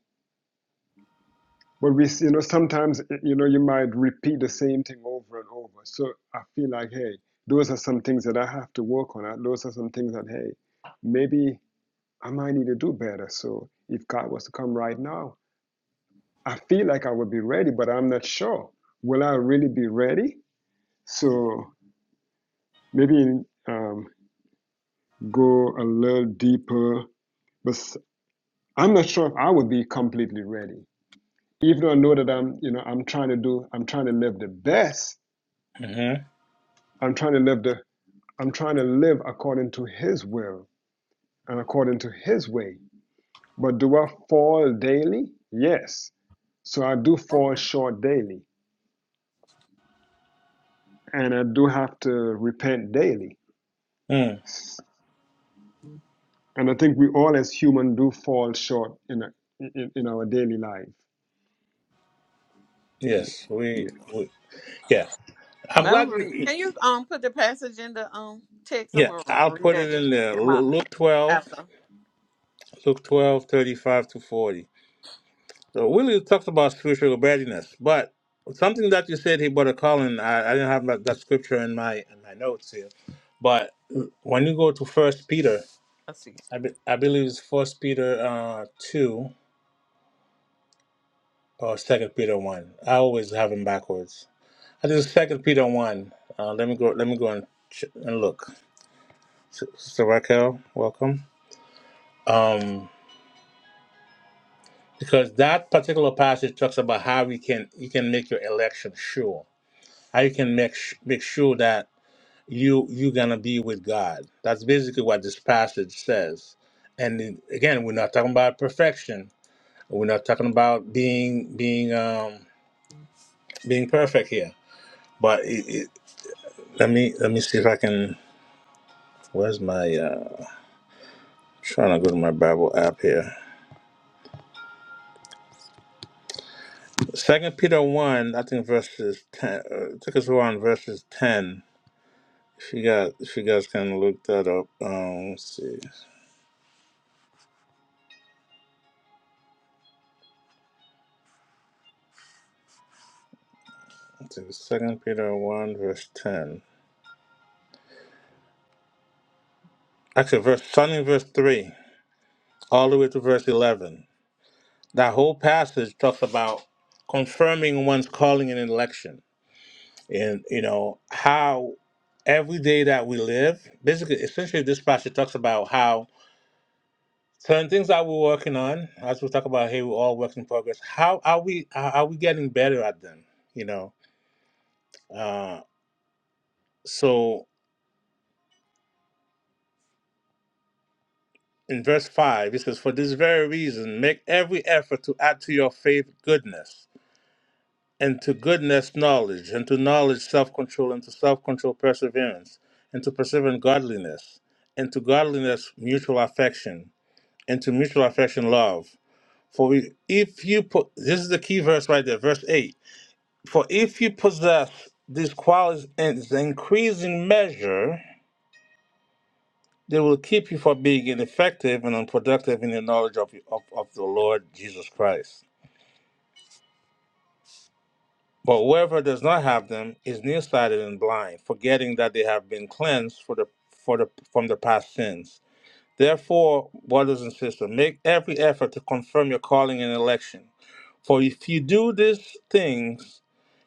D: but we, you know, sometimes you know you might repeat the same thing over and over. So I feel like, hey, those are some things that I have to work on. Uh, Those are some things that, hey, maybe I might need to do better. So if God was to come right now, I feel like I would be ready, but I'm not sure. Will I really be ready? So maybe um, go a little deeper, but i I'm not sure if I would be completely ready. Even though I know that I'm, you know, I'm trying to do, I'm trying to live the best.
A: Mm-hmm.
D: I'm trying to live the, I'm trying to live according to His will and according to His way. But do I fall daily? Yes. So I do fall short daily, and I do have to repent daily.
A: Mm.
D: And I think we all, as human, do fall short in, a, in in our daily life.
A: Yes, we,
D: Yeah.
A: we. Yeah, I'm
C: And I'm
A: glad
C: gonna read.
A: you.
C: Can you um put the passage in the um text? I'm
A: Yeah,
C: gonna
A: I'll
C: read
A: put
C: that
A: it in there.
C: in
A: Lu-
C: my
A: Luke 12,
C: after.
A: Luke 12, 35 to 40. So Willie talked about spiritual readiness, but something that you said here, brother Colin, I, I didn't have that, that scripture in my in my notes here, but when you go to First Peter,
C: Let's see.
A: I, be, I believe it's First Peter uh, two. Oh, Second Peter one. I always have them backwards. I do Second Peter one. Uh, let me go. Let me go and ch- and look. Sister Raquel, welcome. Um, because that particular passage talks about how you can you can make your election sure. How you can make sh- make sure that you you're gonna be with God. That's basically what this passage says. And then, again, we're not talking about perfection. We're not talking about being being um being perfect here. But it, it, let me let me see if I can. Where's my uh trying to go to my Bible app here. Second Peter one, I think verses ten uh, I think it's around verses ten. If you got if you guys can look that up. Um let's see. I think it's Second Peter one verse ten. Actually verse starting in verse three, all the way to verse eleven. That whole passage talks about confirming one's calling and election. And you know, how every day that we live, basically essentially this passage talks about how So, in things that we're working on, as we talk about here, we're all works in progress. How are we? Are are we getting better at them? You know. Uh, so, in verse five, it says, "For this very reason, make every effort to add to your faith goodness, and to goodness knowledge, and to knowledge self-control, and to self-control perseverance, and to perseverance godliness, and to godliness mutual affection, and to mutual affection love. For we, if you put this is the key verse right there, verse eight. For if you possess these qualities in increasing measure, they will keep you from being ineffective and unproductive in the knowledge of, of, of the Lord Jesus Christ. But whoever does not have them is nearsighted and blind, forgetting that they have been cleansed for the, for the, from the past sins. Therefore, brothers and sisters, make every effort to confirm your calling and election. For if you do these things,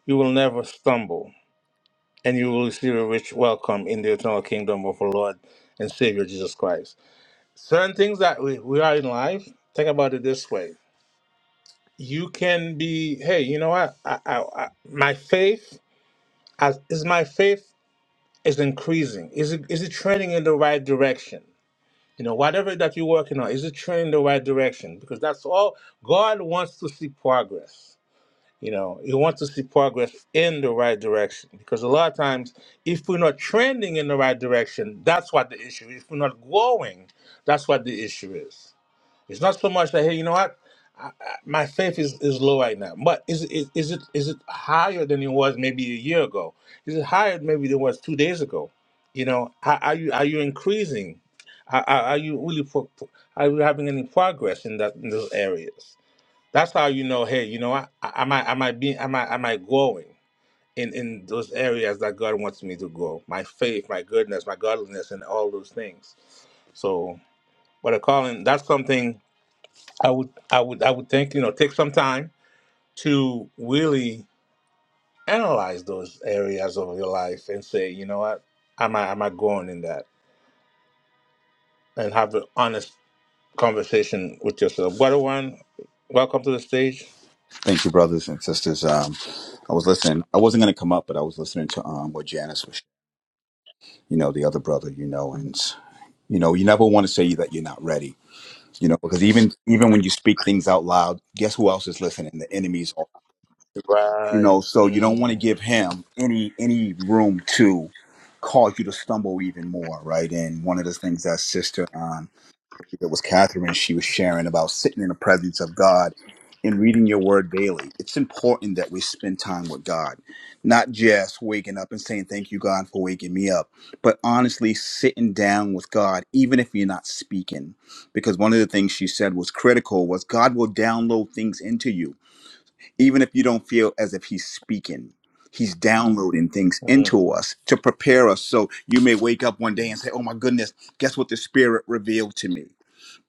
A: you will never stumble. and you will receive a rich welcome in the eternal kingdom of our Lord and Savior Jesus Christ. Certain things that we, we are in life, think about it this way. You can be, hey, you know what? I, I, I, my faith as, is my faith is increasing. Is it is it trending in the right direction? You know, whatever that you're working on, is it trending in the right direction? Because that's all God wants to see progress. You know, you want to see progress in the right direction because a lot of times, if we're not trending in the right direction, that's what the issue is. If we're not growing, that's what the issue is. It's not so much that hey, you know what, I, I, my faith is, is low right now, but is, it- is is it is it higher than it was maybe a year ago? Is it higher maybe than it was two days ago? You know, are, are you are you increasing? Are, are are you really pro- pro- are you having any progress in that in those areas? That's how you know, hey, you know what? I, I might I might be I might I might growing in, in those areas that God wants me to grow. My faith, my goodness, my godliness and all those things. So but a calling that's something I would I would I would think, you know, take some time to really analyze those areas of your life and say, you know what, am I am I growing in that? And have an honest conversation with yourself. Brother one, welcome to the stage.
E: Thank you, brothers and sisters. Um, I was listening. I wasn't going to come up, but I was listening to um, what Janice was, you know, the other brother, you know, and you know, you never want to say that you're not ready, you know, because even even when you speak things out loud, guess who else is listening? The enemies, are, you
A: Right.
E: know. So you don't want
A: Mm.
E: to give him any any room to cause you to stumble even more, right? And one of the things that Sister um, it was Catherine, she was sharing about sitting in the presence of God and reading your word daily. It's important that we spend time with God, not just waking up and saying, Thank you, God, for waking me up, but honestly sitting down with God, even if you're not speaking. Because one of the things she said was critical was God will download things into you, even if you don't feel as if He's speaking. He's downloading things
A: Mm,
E: into us to prepare us so you may wake up one day and say, Oh my goodness, guess what the Spirit revealed to me?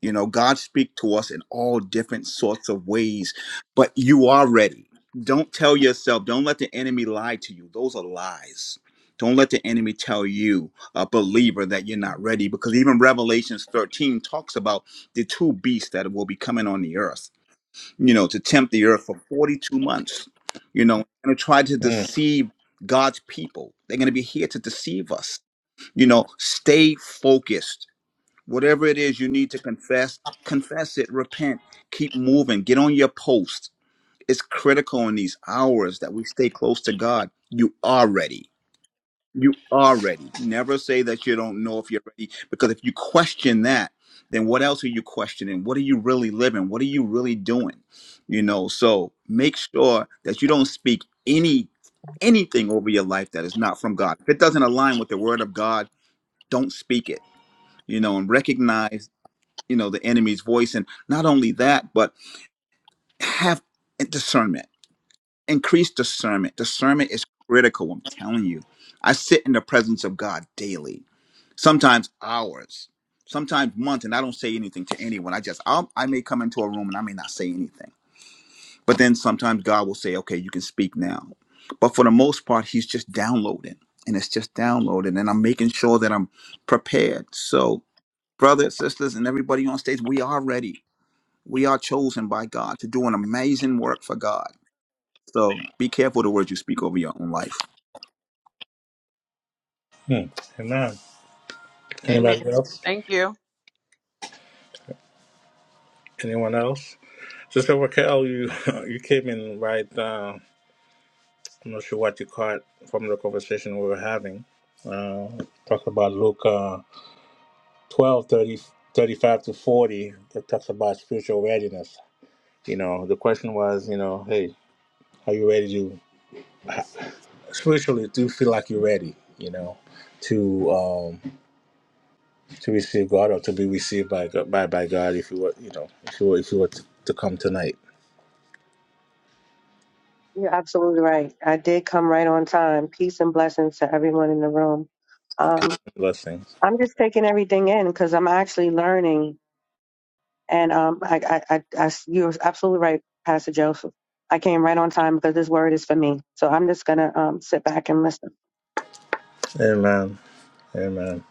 E: You know, God speak to us in all different sorts of ways, but you are ready. Don't tell yourself, don't let the enemy lie to you. Those are lies. Don't let the enemy tell you, a believer, that you're not ready, because even Revelations 13 talks about the two beasts that will be coming on the earth, you know, to tempt the earth for 42 months, you know, and to try to
A: mm,
E: deceive God's people. They're going to be here to deceive us. You know, stay focused Whatever it is you need to confess, confess it, repent, keep moving, get on your post. It's critical in these hours that we stay close to God. You are ready. You are ready. Never say that you don't know if you're ready, because if you question that, then what else are you questioning? What are you really living? What are you really doing? You know, so make sure that you don't speak any anything over your life that is not from God. If it doesn't align with the word of God, don't speak it. You know, and recognize you know the enemy's voice and not only that but have discernment increase discernment discernment is critical i'm telling you i sit in the presence of god daily sometimes hours sometimes months and i don't say anything to anyone i just I'll, i may come into a room and i may not say anything but then sometimes god will say okay you can speak now but for the most part he's just downloading and it's just downloading and i'm making sure that i'm prepared so brothers sisters and everybody on stage we are ready We are chosen by God to do an amazing work for God. So be careful the words you speak over your own life.
A: mm. Amen.
C: Amen.
A: Anybody else?
C: Thank you.
A: Anyone else? Sister Raquel, you you came in right. Uh, I'm not sure what you caught from the conversation we were having. Uh, talked about Luke uh, 12, thirty, thirty-five to 40. It talks about spiritual readiness. You know, the question was, you know, hey, are you ready to spiritually? Do you feel like you're ready? You know, to. um, to receive God or to be received by God, by, by God if you were, you know, if you were, if you were to, to come tonight.
F: You're absolutely right. I did come right on time. Peace and blessings to everyone in the room.
A: Peace
F: Um,
A: and blessings.
F: I'm just taking everything in because I'm actually learning. And um, I, I, I, I, you're absolutely right, Pastor Joseph. I came right on time because this word is for me. So I'm just gonna um, sit back and listen.
A: Amen. Amen.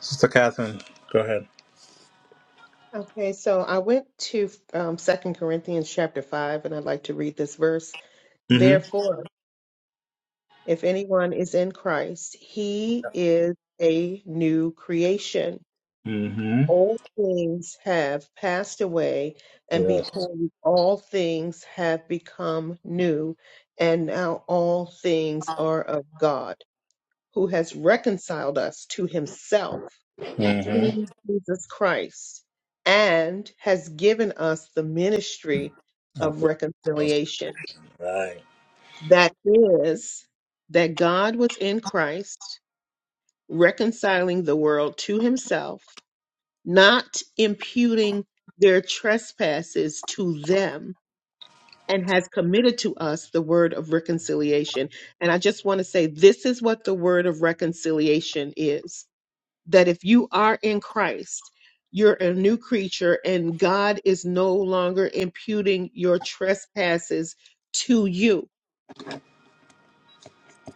A: Sister Catherine, go ahead.
B: Okay, so I went to um, 2 Corinthians chapter 5, and I'd like to read this verse.
A: Mm-hmm.
B: Therefore, if anyone is in Christ, he is a new creation.
A: Mm-hmm.
B: all things have passed away, and
A: Yes.
B: behold, all things have become new, and now all things are of God, who has reconciled us to himself through
A: Mm-hmm.
B: Jesus Christ, and has given us the ministry of reconciliation.
A: Right.
B: That is, that God was in Christ, reconciling the world to himself not imputing their trespasses to them, and has committed to us the word of reconciliation. And I just want to say this is what the word of reconciliation is that if you are in Christ, you're a new creature, and God is no longer imputing your trespasses to you.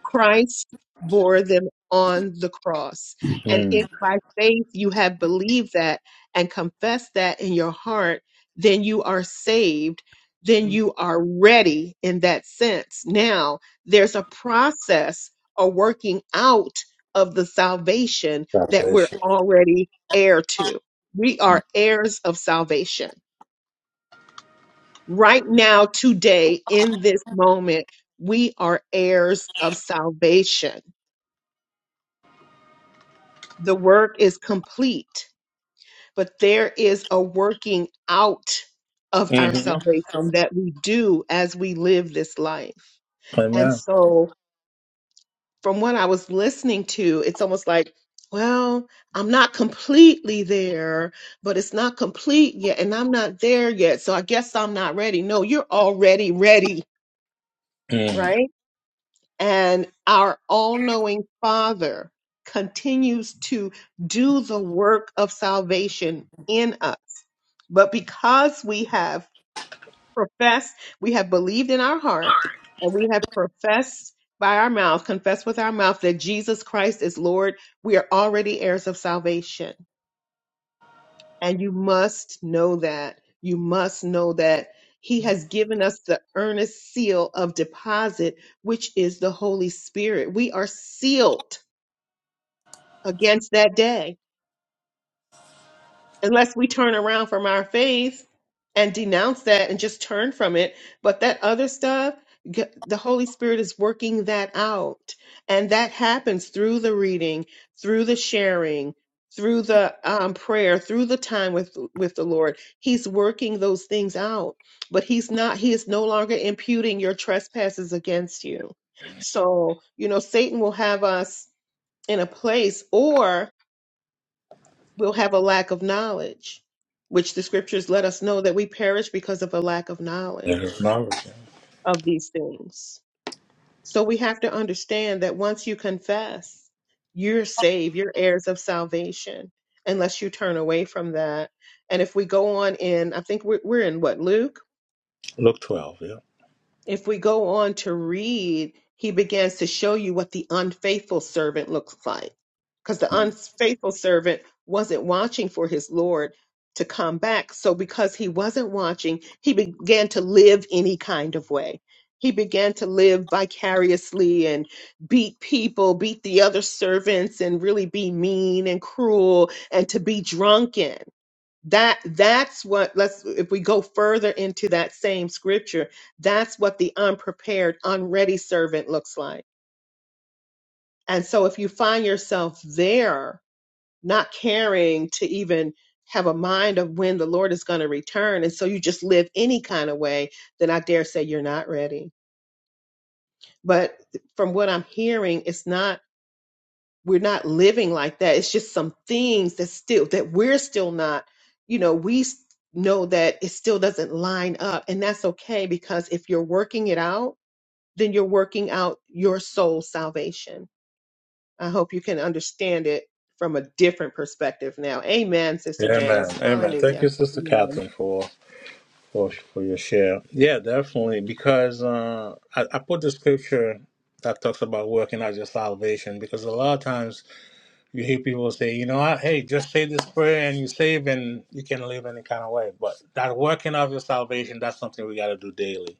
B: Christ bore them on the cross. And if
A: Mm.
B: by faith you have believed that and confessed that in your heart, then you are saved. Then you are ready in that sense. Now, there's a process of working out of the salvation that we're
A: Salvation.
B: already heir to. We are heirs of salvation. Right now, today, in this moment, we are heirs of salvation the work is complete, but there is a working out of our
A: Mm-hmm.
B: salvation that we do as we live this life. And
A: Amen.
B: so, from what I was listening to, it's almost like, well, I'm not completely there, but it's not complete yet, and I'm not there yet. So, I guess I'm not ready. No, you're already ready,
A: Mm.
B: right? And our all knowing Father continues to do the work of salvation in us But because we have professed, we have believed in our heart, and we have professed by our mouth, confessed with our mouth that Jesus Christ is Lord, we are already heirs of salvation. And you must know that. You must know that He has given us the earnest seal of deposit, which is the Holy Spirit. We are sealed against that day unless we turn around from our faith and denounce that and just turn from it. But that other stuff, g- the Holy Spirit is working that out. And that happens through the reading, through the sharing, through the um, prayer, through the time with, with the Lord. He's working those things out, but he's not, he is no longer imputing your trespasses against you. So, you know, Satan will have us in a place or we'll have a lack of knowledge, which the scriptures let us know that we perish because of a lack of
A: There is
B: knowledge
A: knowledge.
B: of these things. So we have to understand that once you confess, you're saved, you're heirs of salvation, unless you turn away from that. And if we go on in, I think we're, we're in what, Luke?
A: Luke 12, yeah.
B: if we go on to read, he begins to show you what the unfaithful servant looks like. Because the
A: Mm.
B: unfaithful servant wasn't watching for his Lord to come back. So, because he wasn't watching, he began to live any kind of way. He began to live vicariously and beat people, beat the other servants, and really be mean and cruel and to be drunken that that's what let's if we go further into that same scripture that's what the unprepared unready servant looks like and so if you find yourself there not caring to even have a mind of when the lord is going to return and so you just live any kind of way then i dare say you're not ready but from what i'm hearing it's not we're not living like that. It's just some things that still that we're still not, you know, we s- know that it still doesn't line up and that's okay because if you're working it out, then you're working out your soul salvation. I hope you can understand it from a different perspective now. Amen, Sister
A: Amen.
B: Janice.
A: Amen. Thank
B: Hallelujah.
A: you, Sister
B: Yes.
A: Catherine, for for for your share. Yeah, definitely. Because uh, I, I put the scripture that talks about working out your salvation. Because a lot of times you hear people say, you know, I, hey, just say this prayer and you save, and you can live any kind of way. But that working out your salvation, that's something we got to do daily.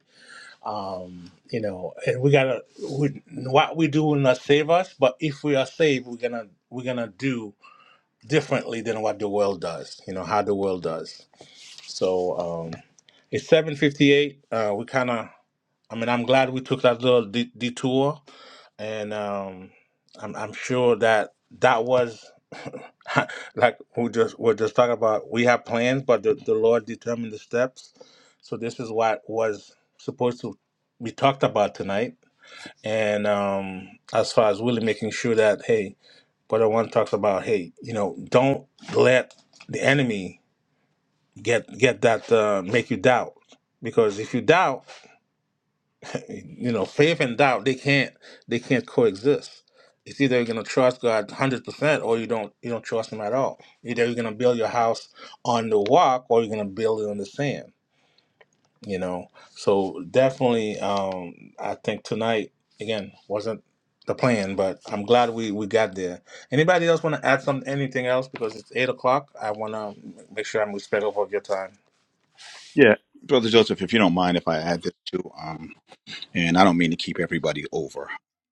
A: Um, you know, and we gotta we, what we do will not save us, but if we are saved, we're gonna we're gonna do differently than what the world does. You know how the world does. So um, it's 7:58. Uh, we kind of, I mean, I'm glad we took that little de- detour, and um, I'm, I'm sure that that was like we just we're just talking about. We have plans, but the, the Lord determined the steps. So this is what was supposed to be talked about tonight. And um, as far as really making sure that, hey, Brother One talks about, hey, you know, don't let the enemy get get that uh, make you doubt because if you doubt you know faith and doubt they can't they can't coexist it's either you're going to trust god 100% or you don't you don't trust him at all either you're going to build your house on the rock or you're going to build it on the sand you know so definitely um i think tonight again wasn't the plan but i'm glad we we got there anybody else want to add some anything else because it's eight o'clock i want to make sure i'm respectful of your time
E: Yeah, brother Joseph, if you don't mind, if I add this too, um, and I don't mean to keep everybody over,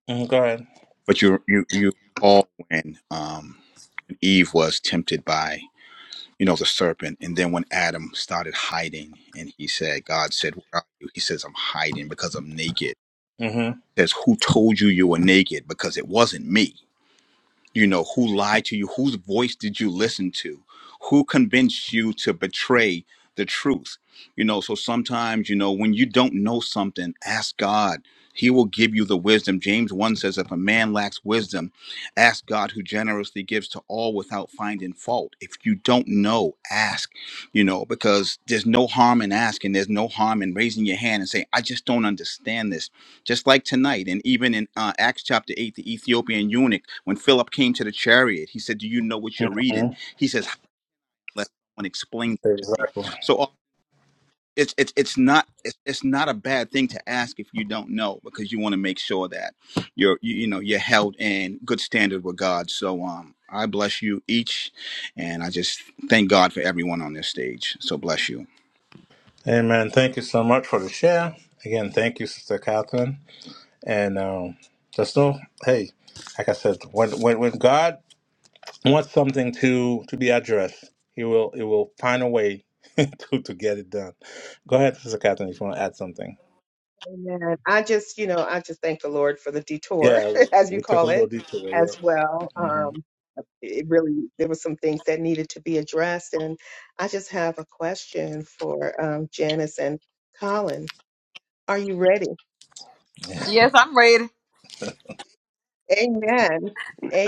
A: Mhm, go ahead
E: but you you you recall when um Eve was tempted by you know the serpent, and then when Adam started hiding, and he said, God said, "Where are you?" He says, "I'm hiding because I'm naked."
A: Mm-hmm.
E: He says, "Who told you you were naked?" Because it wasn't me. you know who lied to you whose voice did you listen to who convinced you to betray the truth you know so sometimes you know when you don't know something ask god he will give you the wisdom james 1 says if a man lacks wisdom ask god who generously gives to all without finding fault if you don't know ask you know because there's no harm in asking there's no harm in raising your hand and saying i just don't understand this just like tonight and even in uh, acts chapter 8 the ethiopian eunuch when philip came to the chariot he said do you know what you're reading
A: Mhm.
E: he says "How let someone explain it to me
A: Exactly.
E: so uh, it's it's it's not it's, it's not a bad thing to ask if you don't know because you want to make sure that you're you, you know you're held in good standard with god so um i bless you each and i just thank god for everyone on this stage so bless you
A: Amen. Thank you so much for the share. Again, thank you, Sister Catherine. And um, just know, hey, like I said, when, when when God wants something to to be addressed, He will He will find a way to to get it done. Go ahead, Sister Catherine, if you want to add something.
B: Amen. I just, you know, I just thank the Lord for the detour,
A: Yeah, we
B: as you
A: we took a
B: call
A: little
B: it,
A: detour.
B: as well.
A: Yeah. hmm
B: Um, it really there were some things that needed to be addressed and i just have a question for um, janice and colin are you ready
C: Yes, I'm ready.
B: amen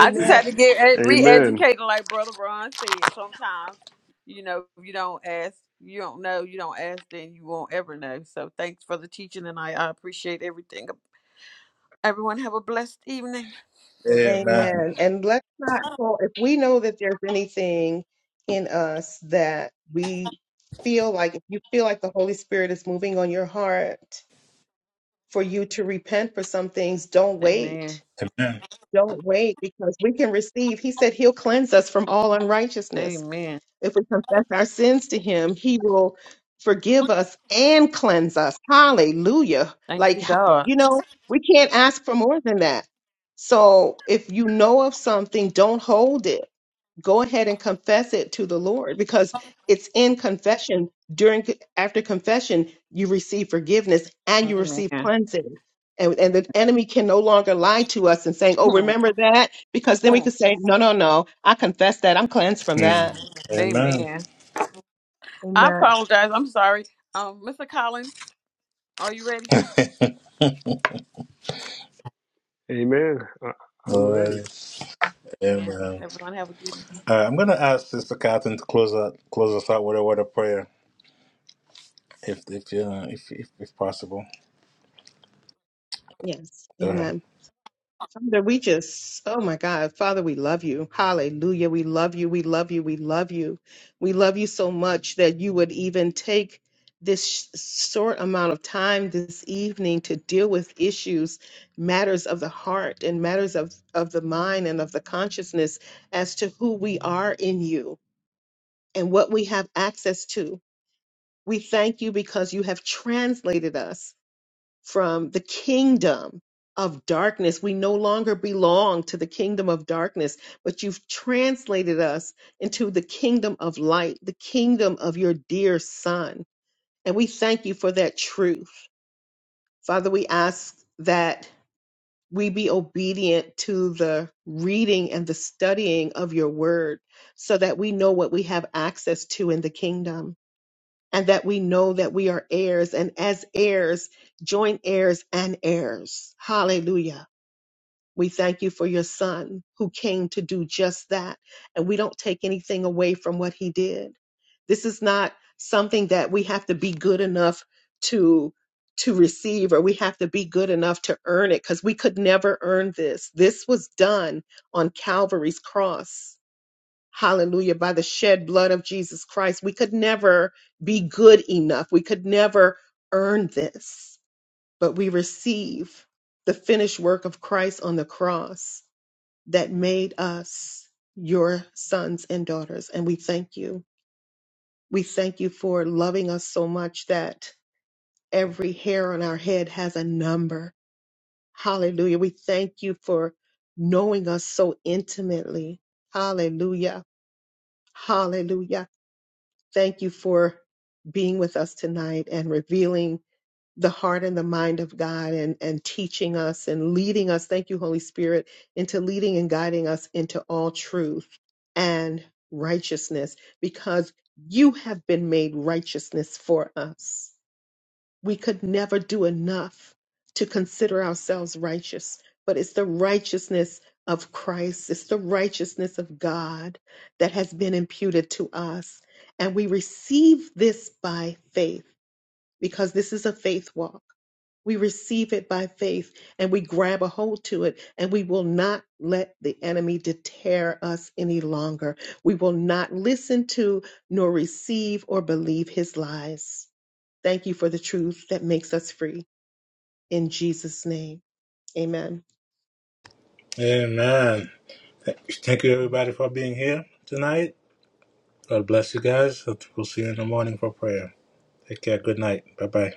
C: I just had to get e-
D: Amen.
C: re-educated, like Brother Ron said. Sometimes, you know, if you don't ask, you don't know, you don't ask, then you won't ever know. So thanks for the teaching, and I, I appreciate everything. Everyone have a blessed evening.
A: Amen.
B: amen and let's not well if we know that there's anything in us that we feel like if you feel like the holy spirit is moving on your heart for you to repent for some things don't wait
C: Amen.
A: Amen.
B: don't wait because we can receive he said he'll cleanse us from all unrighteousness
C: Amen.
B: If we confess our sins to him, he will forgive us and cleanse us. Hallelujah.
C: Thank
B: Like,
C: you, God.
B: you know, we can't ask for more than that. So if you know of something, don't hold it. Go ahead and confess it to the Lord because it's in confession. During after confession, you receive forgiveness and you
C: Amen.
B: receive cleansing. And, and the enemy can no longer lie to us and saying, Oh, remember that? Because then we could say, No, no, no. I confess that. I'm cleansed from that.
A: Mm. Amen.
C: Amen. I
B: Amen.
C: apologize. I'm sorry. Um, Mr. Colin, are you ready?
D: Amen. I, I'm ready.
A: Glory.
C: And
A: Amen.
C: everyone have a good
A: All right, I'm gonna ask Sister Catherine to close out close us out with a word of prayer, if if uh, if, if if possible.
B: Yes.
A: Go ahead.
B: Amen. Father, we just, oh my God, Father, we love you. Hallelujah. We love you. We love you. We love you. We love you so much that you would even take this sh- short amount of time this evening to deal with issues, matters of the heart and matters of, of the mind and of the consciousness as to who we are in you and what we have access to. We thank you because you have translated us from the kingdom of darkness. We no longer belong to the kingdom of darkness, but you've translated us into the kingdom of light, the kingdom of your dear son. And we thank you for that truth. Father, we ask that we be obedient to the reading and the studying of your word so that we know what we have access to in the kingdom and that we know that we are heirs and as heirs, joint heirs and heirs. Hallelujah. We thank you for your son who came to do just that. And we don't take anything away from what he did. This is not something that we have to be good enough to to receive or we have to be good enough to earn it because we could never earn this. This was done on Calvary's cross Hallelujah. By the shed blood of Jesus Christ, we could never be good enough. We could never earn this, but we receive the finished work of Christ on the cross that made us your sons and daughters. And we thank you. We thank you for loving us so much that every hair on our head has a number. Hallelujah. We thank you for knowing us so intimately. Hallelujah. Hallelujah. Thank you for being with us tonight and revealing the heart and the mind of God and, and teaching us and leading us. Thank you, Holy Spirit, into leading and guiding us into all truth and righteousness because you have been made righteousness for us we could never do enough to consider ourselves righteous, but it's the righteousness of Christ, it's the righteousness of God that has been imputed to us. And we receive this by faith because this is a faith walk. We receive it by faith and we grab a hold to it, and we will not let the enemy deter us any longer. We will not listen to nor receive or believe his lies. Thank you for the truth that makes us free. In Jesus' name, amen.
A: Amen. Thank you, everybody, for being here tonight. God bless you guys. We'll see you in the morning for prayer. Take care. Good night. Bye bye.